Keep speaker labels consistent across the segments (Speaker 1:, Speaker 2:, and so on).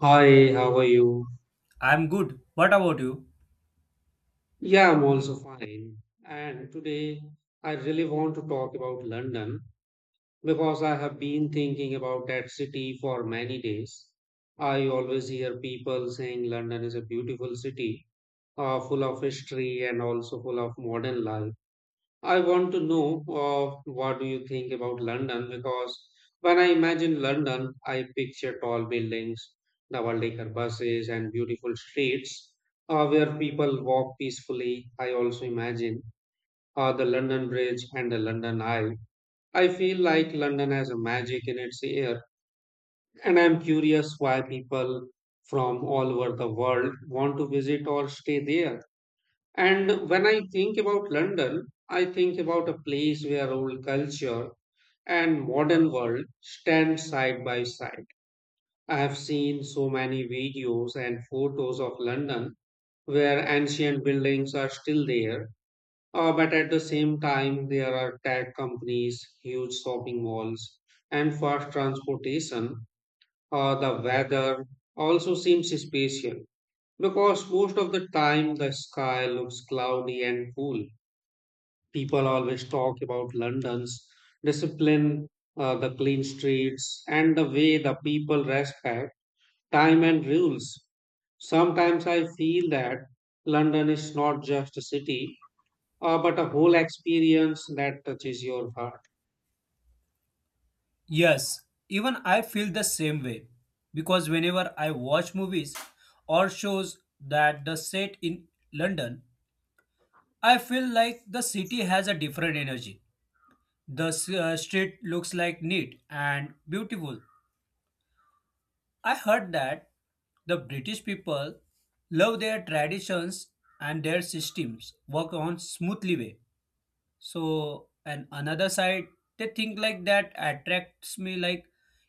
Speaker 1: Hi, how are you?
Speaker 2: I'm good. What about you?
Speaker 1: Yeah, I'm also fine. And today I really want to talk about London because I have been thinking about that city for many days. I always hear people saying London is a beautiful city, full of history and also full of modern life. I want to know what do you think about London because when I imagine London, I picture tall buildings, double-decker buses, and beautiful streets where people walk peacefully. I also imagine the London Bridge and the London Eye. I feel like London has a magic in its air, and I'm curious why people from all over the world want to visit or stay there. And when I think about London, I think about a place where old culture and modern world stand side by side. I have seen so many videos and photos of London where ancient buildings are still there, but at the same time, there are tech companies, huge shopping malls, and fast transportation. The weather also seems spatial because most of the time the sky looks cloudy and cool. People always talk about London's discipline, the clean streets, and the way the people respect time and rules. Sometimes I feel that London is not just a city, but a whole experience that touches your heart.
Speaker 2: Yes, even I feel the same way. Because whenever I watch movies or shows that the set in London, I feel like the city has a different energy. The street looks like neat and beautiful. I heard that the British people love their traditions and their systems work on smoothly way. So and another side they think like that attracts me, like,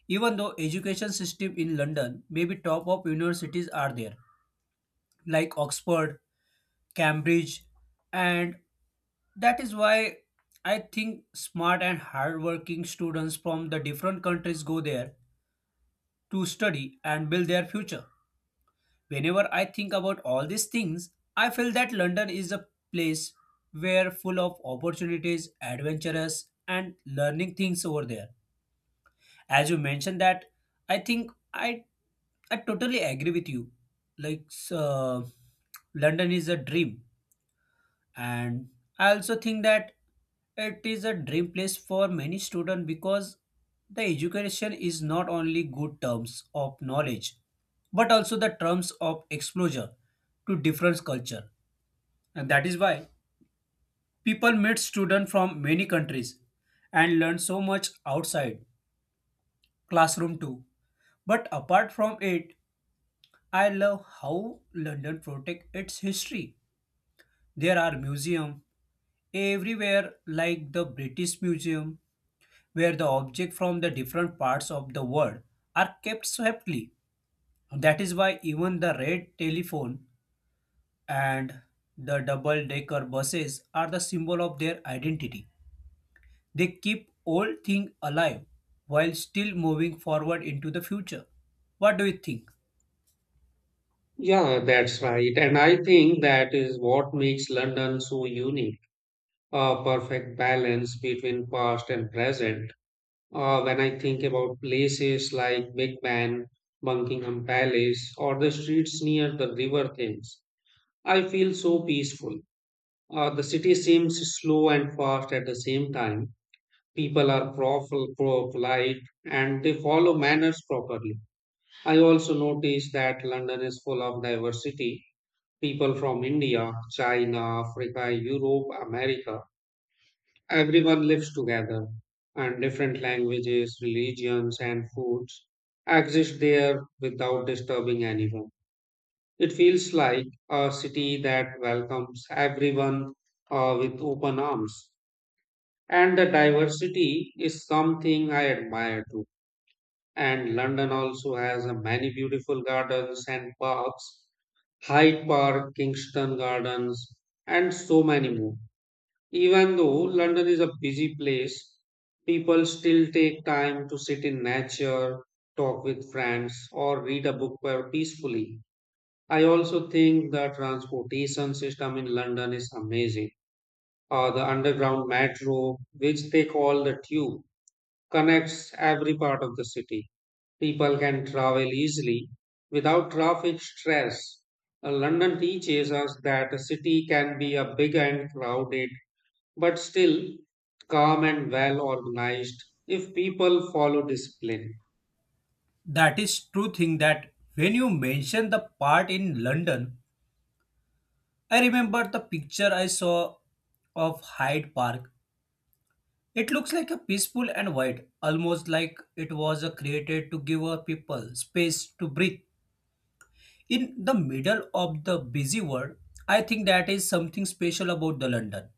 Speaker 2: even though education system in London maybe top of universities are there, like Oxford, Cambridge, and that is why I think smart and hardworking students from the different countries go there to study and build their future. Whenever I think about all these things, I feel that London is a place where full of opportunities, adventurous and learning things over there. As you mentioned that, I think I totally agree with you. Like London is a dream, and I also think that it is a dream place for many students, because the education is not only good terms of knowledge, but also the terms of exposure to different culture. And that is why people meet students from many countries and learn so much outside classroom too. But apart from it, I love how London protect its history. There are museums everywhere like the British Museum, where the objects from the different parts of the world are kept separately. That is why even the red telephone and the double decker buses are the symbol of their identity. They keep old things alive while still moving forward into the future. What do you think?
Speaker 1: Yeah, that's right. And I think that is what makes London so unique, a perfect balance between past and present. When I think about places like Big Ben, Buckingham Palace, or the streets near the River Thames, I feel so peaceful. The city seems slow and fast at the same time. People are polite and they follow manners properly. I also notice that London is full of diversity. People from India, China, Africa, Europe, America. Everyone lives together, and different languages, religions, and foods exist there without disturbing anyone. It feels like a city that welcomes everyone with open arms. And the diversity is something I admire too. And London also has a many beautiful gardens and parks: Hyde Park, Kingston Gardens, and so many more. Even though London is a busy place, people still take time to sit in nature, talk with friends, or read a book peacefully. I also think the transportation system in London is amazing. The underground metro, which they call the tube, connects every part of the city. People can travel easily without traffic stress. London teaches us that a city can be a big and crowded but still calm and well organized if people follow discipline.
Speaker 2: That is true thing that when you mention the part in London, I remember the picture I saw of Hyde Park. It looks like a peaceful and wide, almost like it was created to give a people space to breathe. In the middle of the busy world, I think that is something special about the London.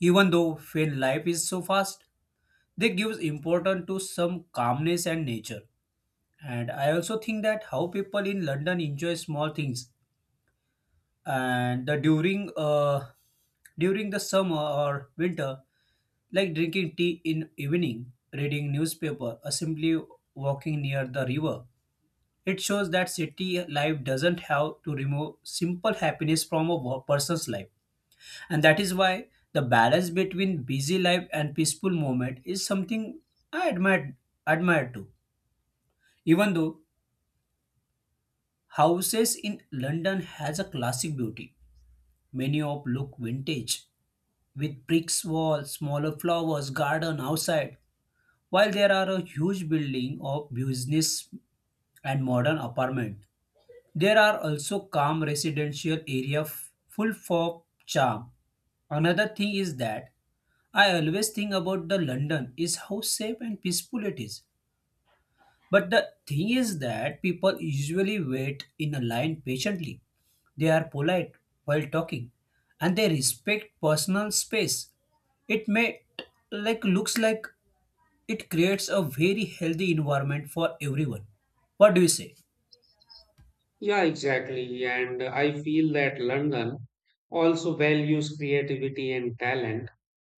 Speaker 2: Even though when life is so fast, they gives importance to some calmness and nature. And I also think that how people in London enjoy small things, and the during during the summer or winter, like drinking tea in evening, reading newspaper, or simply walking near the river. It shows that city life doesn't have to remove simple happiness from a person's life. And that is why the balance between busy life and peaceful moment is something I admire too. Even though houses in London has a classic beauty, many of look vintage with bricks wall, smaller flowers garden outside. While there are a huge building of business and modern apartment, there are also calm residential area full of charm. Another thing is that I always think about the London is how safe and peaceful it is. But the thing is that people usually wait in a line patiently. They are polite while talking, and they respect personal space. It may, like, looks like it creates a very healthy environment for everyone. What do you say?
Speaker 1: Yeah, exactly. And I feel that London also values creativity and talent,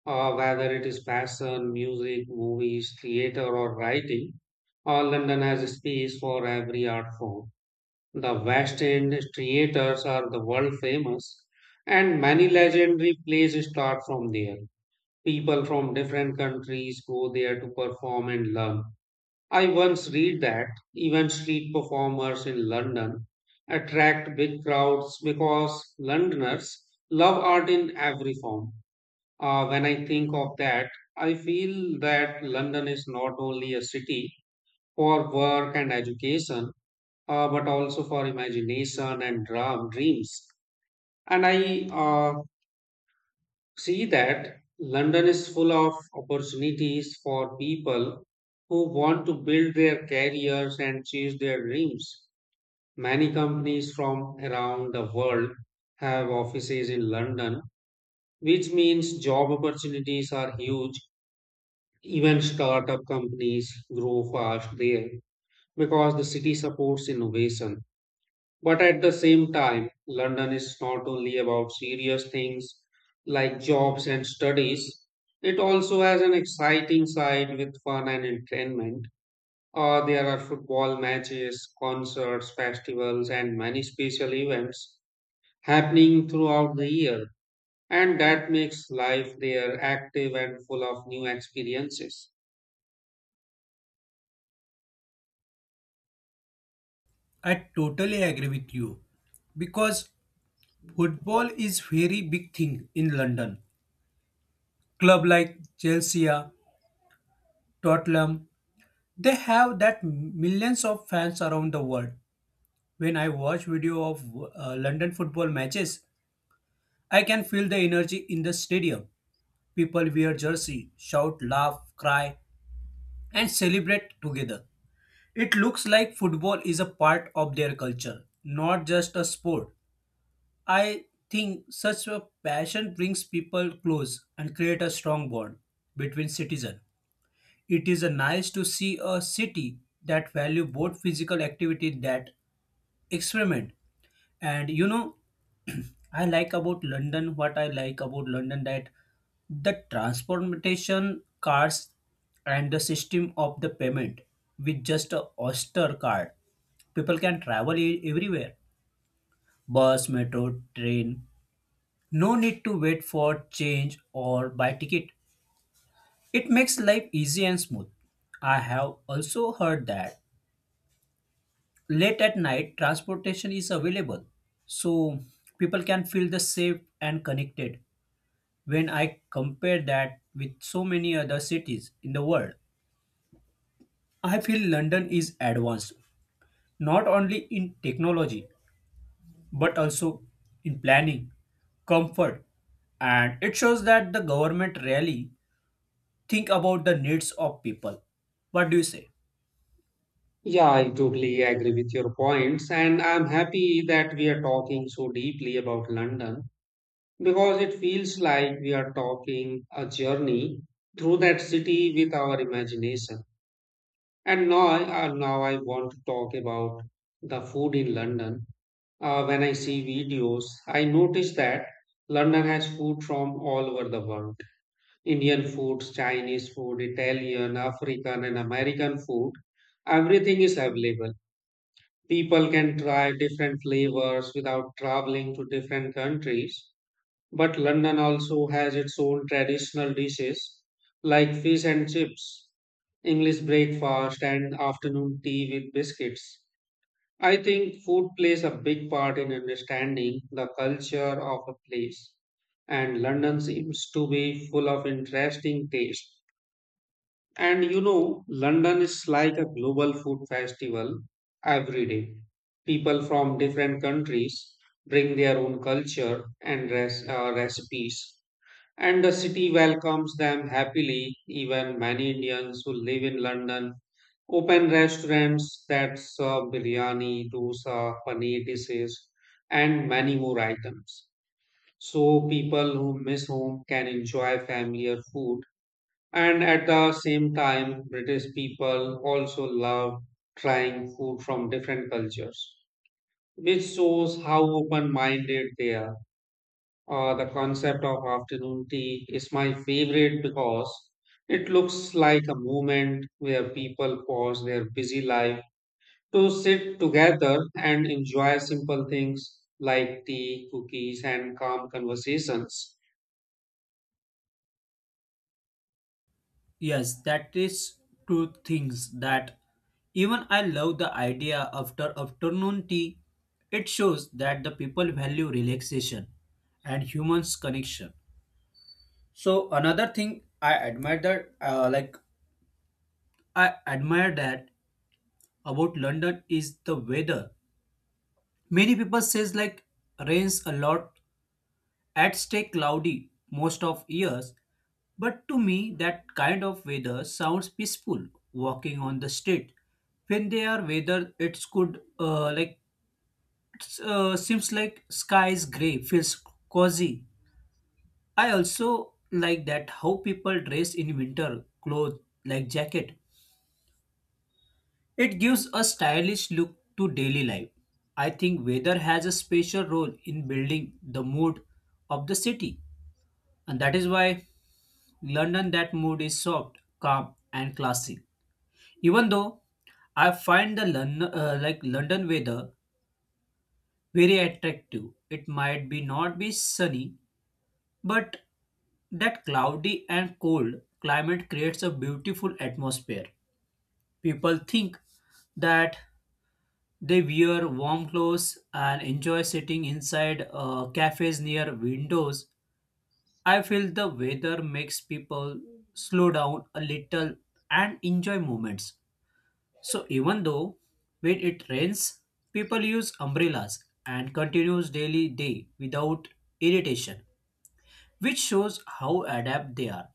Speaker 1: whether it is fashion, music, movies, theater, or writing. London has a space for every art form. The West End theaters are the world famous, and many legendary plays start from there. People from different countries go there to perform and learn. I once read that even street performers in London attract big crowds because Londoners love art in every form. When I think of that, I feel that London is not only a city for work and education, but also for imagination and dreams. And I see that London is full of opportunities for people who want to build their careers and chase their dreams. Many companies from around the world have offices in London, which means job opportunities are huge. Even startup companies grow fast there because the city supports innovation. But at the same time, London is not only about serious things like jobs and studies, it also has an exciting side with fun and entertainment. There are football matches, concerts, festivals, and many special events happening throughout the year, and that makes life there active and full of new experiences.
Speaker 2: I totally agree with you because football is very big thing in London. Club like Chelsea, Tottenham, they have that millions of fans around the world. When I watch video of London football matches, I can feel the energy in the stadium. People wear jersey, shout, laugh, cry, and celebrate together. It looks like football is a part of their culture, not just a sport. I think such a passion brings people close and create a strong bond between citizens. It is a nice to see a city that value both physical activity that experiment. And you know, I like about London, what I like about London that the transportation cars, and the system of the payment with just a Oyster card. People can travel everywhere. Bus, metro, train. No need to wait for change or buy ticket. It makes life easy and smooth. I have also heard that late at night transportation is available, so people can feel the safe and connected. When I compare that with so many other cities in the world, I feel London is advanced not only in technology but also in planning, comfort, and it shows that the government really think about the needs of people. What do you say?
Speaker 1: Yeah, I totally agree with your points, and I'm happy that we are talking so deeply about London because it feels like we are talking a journey through that city with our imagination. And now, now I want to talk about the food in London. When I see videos, I notice that London has food from all over the world: Indian foods, Chinese food, Italian, African, and American food. Everything is available. People can try different flavors without traveling to different countries. But London also has its own traditional dishes like fish and chips, English breakfast, and afternoon tea with biscuits. I think food plays a big part in understanding the culture of a place, and London seems to be full of interesting taste. And you know, London is like a global food festival every day. People from different countries bring their own culture and recipes, and the city welcomes them happily. Even many Indians who live in London open restaurants that serve biryani, dosa, paneer dishes, and many more items. So people who miss home can enjoy familiar food. And at the same time, British people also love trying food from different cultures, which shows how open minded they are. The concept of afternoon tea is my favorite because it looks like a moment where people pause their busy life to sit together and enjoy simple things like tea, cookies, and calm conversations.
Speaker 2: Yes, that is two things that even I love the idea after afternoon tea. It shows that the people value relaxation and humans connection. So another thing I admire that about London is the weather. Many people says like rains a lot, at stay cloudy most of years, but to me that kind of weather sounds peaceful. Walking on the street, when they are weather, it's good. Like it's, seems like sky is gray, feels cozy. I also like that how people dress in winter clothes like jacket. It gives a stylish look to daily life. I think weather has a special role in building the mood of the city, and that is why London that mood is soft, calm, and classy. Even though I find the London, like London weather very attractive, it might be not be sunny, but that cloudy and cold climate creates a beautiful atmosphere. People think that they wear warm clothes and enjoy sitting inside cafes near windows. I feel the weather makes people slow down a little and enjoy moments. So even though when it rains, people use umbrellas and continues daily day without irritation, which shows how adept they are.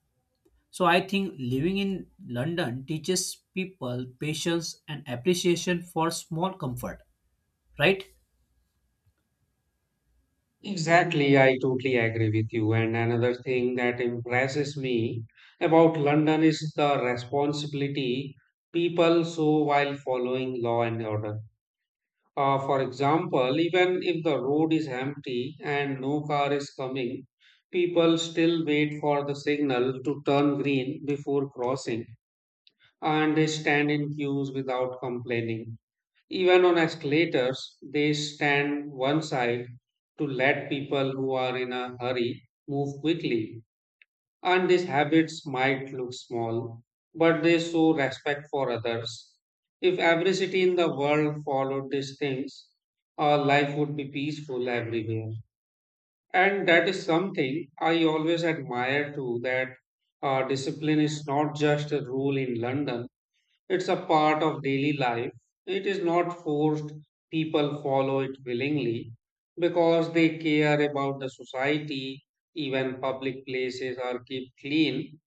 Speaker 2: So I think living in London teaches people patience and appreciation for small comfort, right?
Speaker 1: Exactly, I totally agree with you. And another thing that impresses me about London is the responsibility people show while following law and order. For example, even if the road is empty and no car is coming, people still wait for the signal to turn green before crossing and they stand in queues without complaining. Even on escalators, they stand one side to let people who are in a hurry move quickly. And these habits might look small, but they show respect for others. If every city in the world followed these things, our life would be peaceful everywhere. And that is something I always admire too that discipline is not just a rule in London, it's a part of daily life. It is not forced, people follow it willingly because they care about the society, even public places are kept clean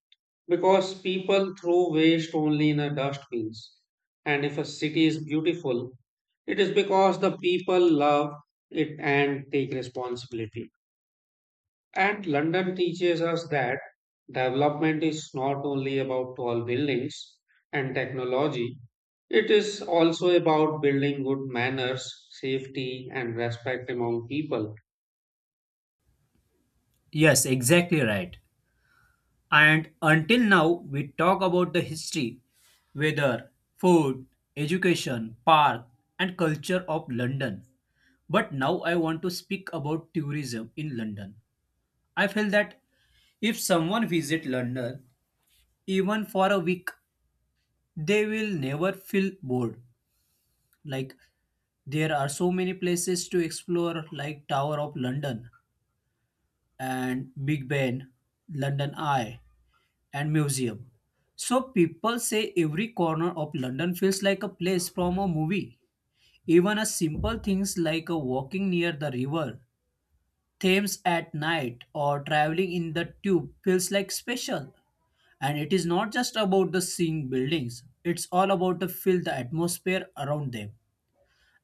Speaker 1: because people throw waste only in the dustbins. And if a city is beautiful, it is because the people love it and take responsibility. And London teaches us that development is not only about tall buildings and technology, it is also about building good manners, safety, and respect among people.
Speaker 2: Yes, exactly right. And until now, we talk about the history, weather, food, education, park, and culture of London. But now I want to speak about tourism in London. I feel that if someone visit London even for a week, they will never feel bored. Like, there are so many places to explore like Tower of London and Big Ben, London Eye, and museum. So people say every corner of London feels like a place from a movie. Even a simple things like a walking near the river, Thames at night, or traveling in the tube feels like special. And it is not just about the seeing buildings; it's all about to feel the atmosphere around them.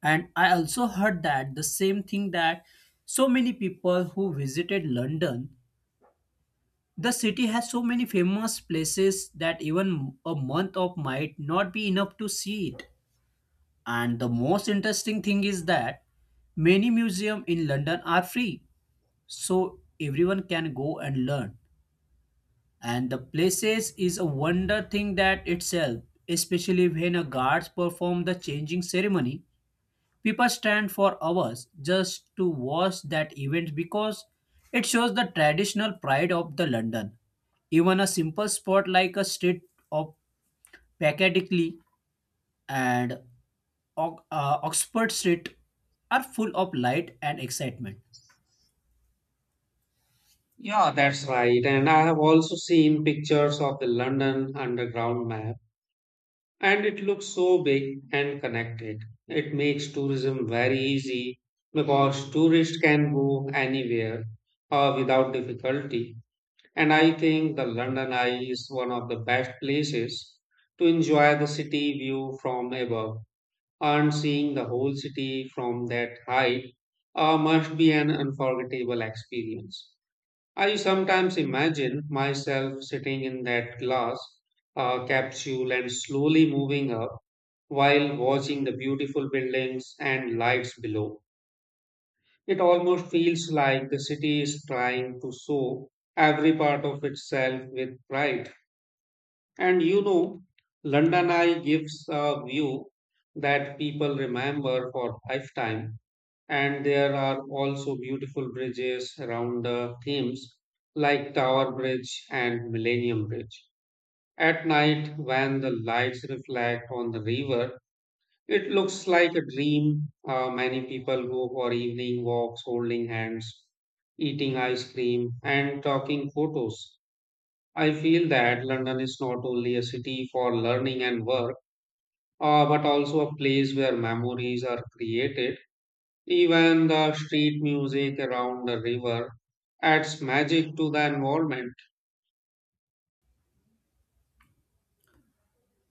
Speaker 2: And I also heard that the same thing that so many people who visited London. The city has so many famous places that even a month of might not be enough to see it. And the most interesting thing is that many museums in London are free, so everyone can go and learn. And the places is a wonder thing that itself, especially when a guards perform the changing ceremony. People stand for hours just to watch that event because it shows the traditional pride of the London. Even a simple spot like a street of Piccadilly and Oxford Street are full of light and excitement.
Speaker 1: Yeah, that's right. And I have also seen pictures of the London Underground map. And it looks so big and connected. It makes tourism very easy because tourists can go anywhere without difficulty. And I think the London Eye is one of the best places to enjoy the city view from above. And seeing the whole city from that height must be an unforgettable experience. I sometimes imagine myself sitting in that glass capsule and slowly moving up while watching the beautiful buildings and lights below. It almost feels like the city is trying to show every part of itself with pride. And you know, London Eye gives a view that people remember for lifetime. And there are also beautiful bridges around the Thames, like Tower Bridge and Millennium Bridge. At night, when the lights reflect on the river, it looks like a dream. Many people go for evening walks holding hands, eating ice cream, and talking photos. I feel that London is not only a city for learning and work, but also a place where memories are created. Even the street music around the river adds magic to the environment.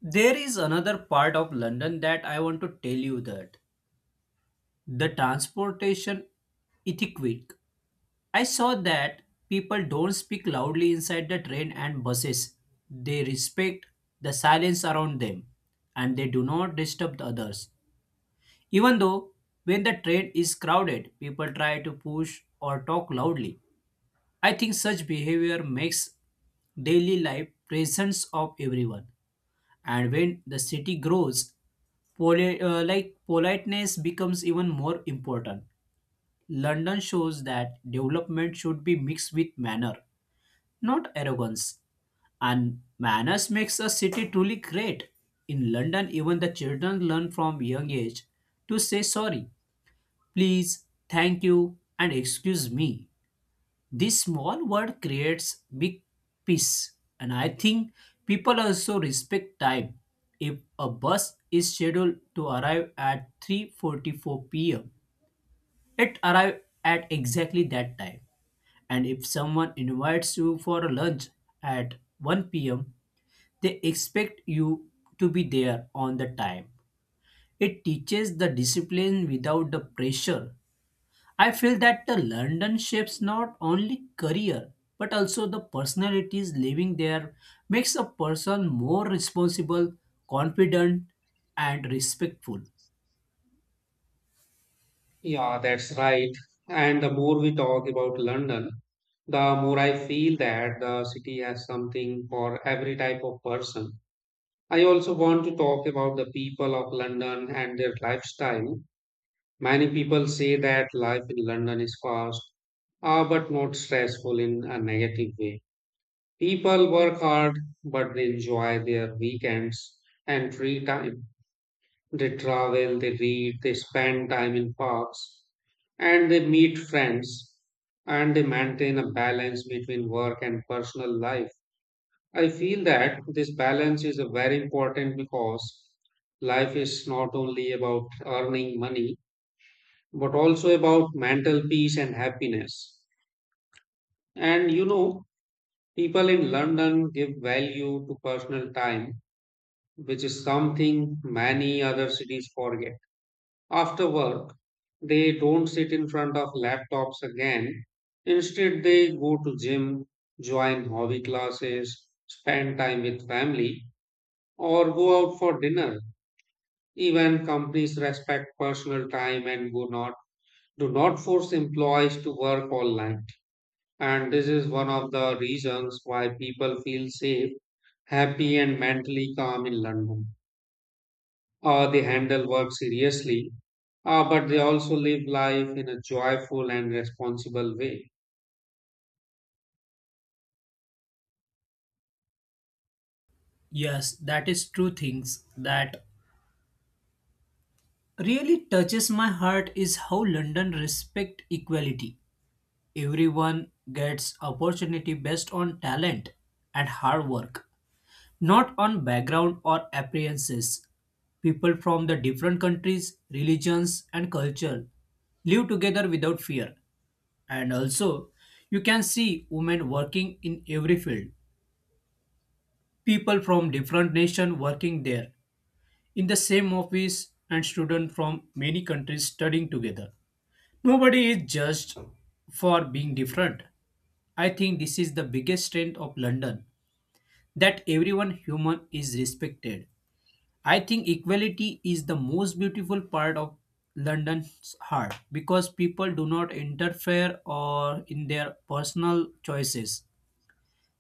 Speaker 2: There is another part of London that I want to tell you that the transportation etiquette. I saw that people don't speak loudly inside the train and buses. They respect the silence around them, and they do not disturb the others. Even though when the train is crowded, people try to push or talk loudly. I think such behavior makes daily life presence of everyone. And when the city grows, politeness becomes even more important. London shows that development should be mixed with manner, not arrogance. And manners makes a city truly great. In London, even the children learn from young age to say sorry, please, thank you, and excuse me. This small word creates big peace, and I think people also respect time. If a bus is scheduled to arrive at 3:44 p.m., it arrives at exactly that time. And if someone invites you for a lunch at 1 p.m., they expect you to be there on the time. It teaches the discipline without the pressure. I feel that the London shapes not only career but also the personalities living there, makes a person more responsible, confident, and respectful.
Speaker 1: Yeah, that's right. And the more we talk about London, the more I feel that the city has something for every type of person. I also want to talk about the people of London and their lifestyle. Many people say that life in London is fast, but not stressful in a negative way. People work hard, but they enjoy their weekends and free time. They travel, they read, they spend time in parks, and they meet friends, and they maintain a balance between work and personal life. I feel that this balance is very important because life is not only about earning money but also about mental peace and happiness. And you know, people in London give value to personal time, which is something many other cities forget. After work, they don't sit in front of laptops again. Instead, they go to gym, join hobby classes, spend time with family, or go out for dinner. Even companies respect personal time and do not force employees to work online. And this is one of the reasons why people feel safe, happy, and mentally calm in London. They handle work seriously, but they also live life in a joyful and responsible way.
Speaker 2: Yes, that is true things that really touches my heart is how London respect equality. Everyone gets opportunity based on talent and hard work, not on background or appearances. People from the different countries, religions, and culture live together without fear. And also, you can see women working in every field. People from different nation working there in the same office, and students from many countries studying together. Nobody is judged for being different. I think this is the biggest strength of London, that everyone human is respected. I think equality is the most beautiful part of London's heart because people do not interfere or in their personal choices.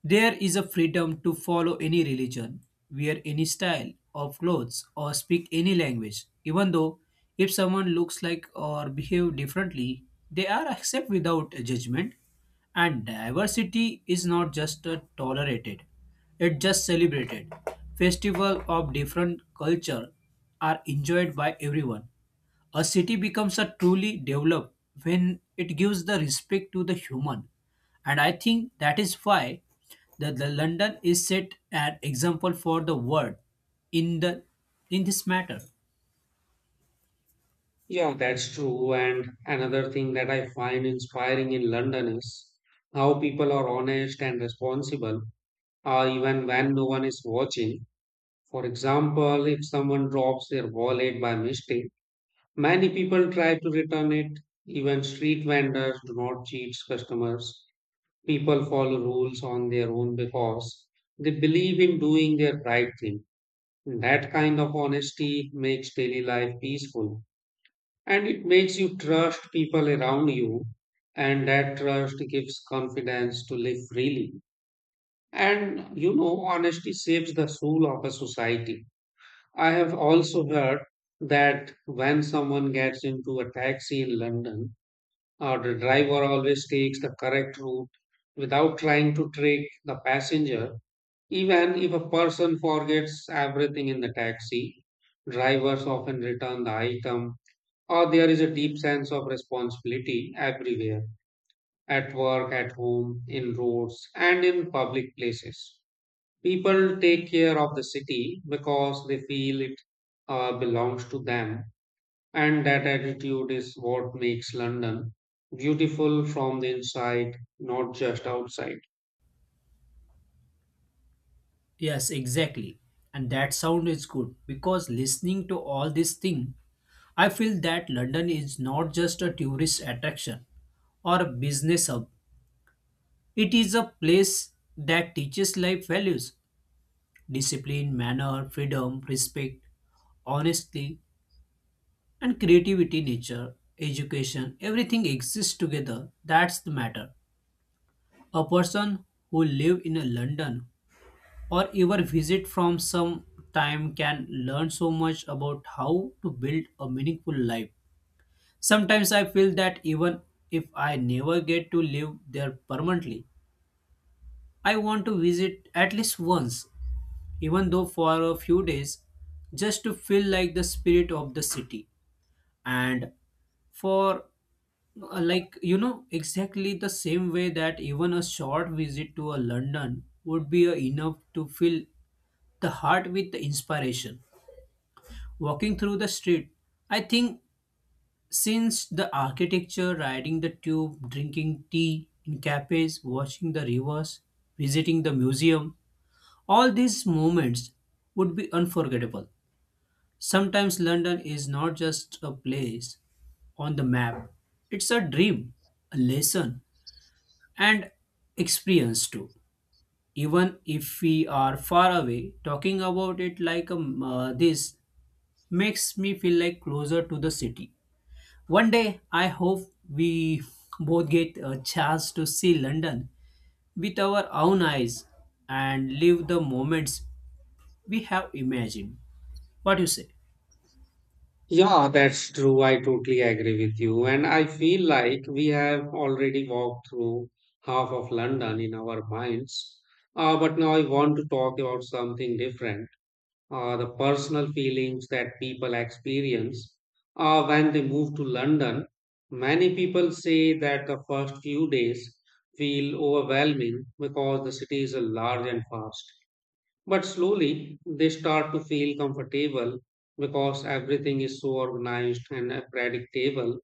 Speaker 2: There is a freedom to follow any religion, wear any style of clothes, or speak any language, even though if someone looks like or behave differently, they are accepted without a judgment. And diversity is not just tolerated, it just celebrated. Festival of different culture are enjoyed by everyone. A city becomes a truly developed when it gives the respect to the human. And I think that is why the London is set an example for the world in the in this matter.
Speaker 1: Yeah, that's true. And another thing that I find inspiring in London is how people are honest and responsible, even when no one is watching. For example, if someone drops their wallet by mistake, many people try to return it. Even street vendors do not cheat customers. People follow rules on their own because they believe in doing their right thing. That kind of honesty makes daily life peaceful and it makes you trust people around you. And that trust gives confidence to live freely. And you know, honesty saves the soul of a society. I have also heard that when someone gets into a taxi in London, the driver always takes the correct route without trying to trick the passenger. Even if a person forgets everything in the taxi, drivers often return the item, or there is a deep sense of responsibility everywhere at work, at home, in roads, and in public places. People take care of the city because they feel it belongs to them and that attitude is what makes London beautiful from the inside, not just outside.
Speaker 2: Yes, exactly. And that sound is good because listening to all this thing, I feel that London is not just a tourist attraction or a business hub. It is a place that teaches life values, discipline, manner, freedom, respect, honesty, and creativity, nature, education, everything exists together. That's the matter. A person who live in a London or ever visit from some time can learn so much about how to build a meaningful life. Sometimes I feel that even if I never get to live there permanently, I want to visit at least once, even though for a few days, just to feel like the spirit of the city. And for like you know exactly the same way that even a short visit to a London would be enough to fill the heart with inspiration. Walking through the street, I think since the architecture, riding the tube, drinking tea in cafes, watching the rivers, visiting the museum, all these moments would be unforgettable. Sometimes London is not just a place on the map, it's a dream, a lesson, and experience too. Even if we are far away, talking about it like this makes me feel like closer to the city. One day, I hope we both get a chance to see London with our own eyes and live the moments we have imagined. What do you say?
Speaker 1: Yeah, that's true. I totally agree with you. And I feel like we have already walked through half of London in our minds. But now I want to talk about something different. The personal feelings that people experience when they move to London. Many people say that the first few days feel overwhelming because the city is a large and fast. But slowly they start to feel comfortable because everything is so organized and predictable.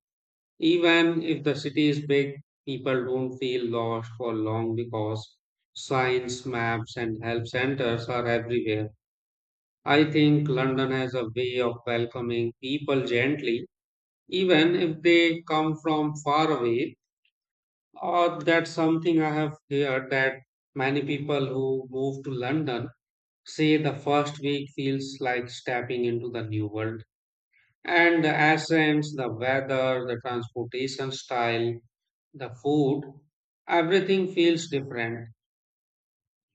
Speaker 1: Even if the city is big, people don't feel lost for long because signs, maps, and help centers are everywhere. I think London has a way of welcoming people gently, even if they come from far away, or that's something I have heard that many people who move to London say the first week feels like stepping into the new world. And the accents, the weather, the transportation style, the food, everything feels different,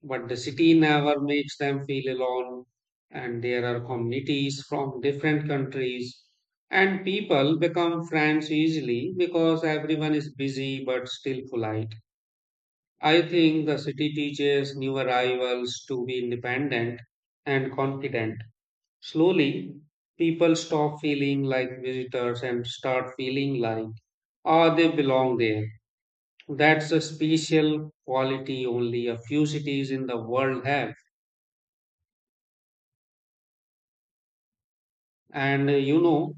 Speaker 1: but the city never makes them feel alone. And there are communities from different countries, and people become friends easily because everyone is busy but still polite. I think the city teaches new arrivals to be independent and confident. Slowly, people stop feeling like visitors and start feeling like, oh, they belong there. That's a special quality only a few cities in the world have. And you know,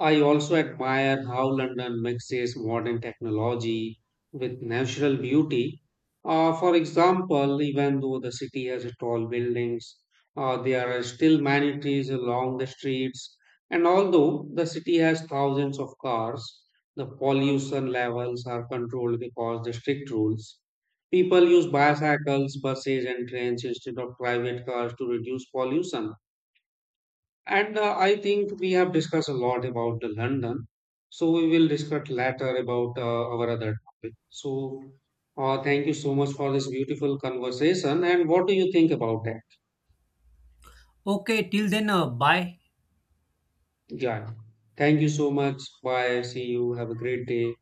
Speaker 1: I also admire how London mixes modern technology with natural beauty. For example, even though the city has tall buildings, there are still many trees along the streets. And although the city has thousands of cars, the pollution levels are controlled because the strict rules. People use bicycles, buses, and trains instead of private cars to reduce pollution. And I think we have discussed a lot about the London. So we will discuss later about our other topic. So thank you so much for this beautiful conversation. And what do you think about that?
Speaker 2: Okay, till then, bye.
Speaker 1: Yeah. Thank you so much. Bye. See you. Have a great day.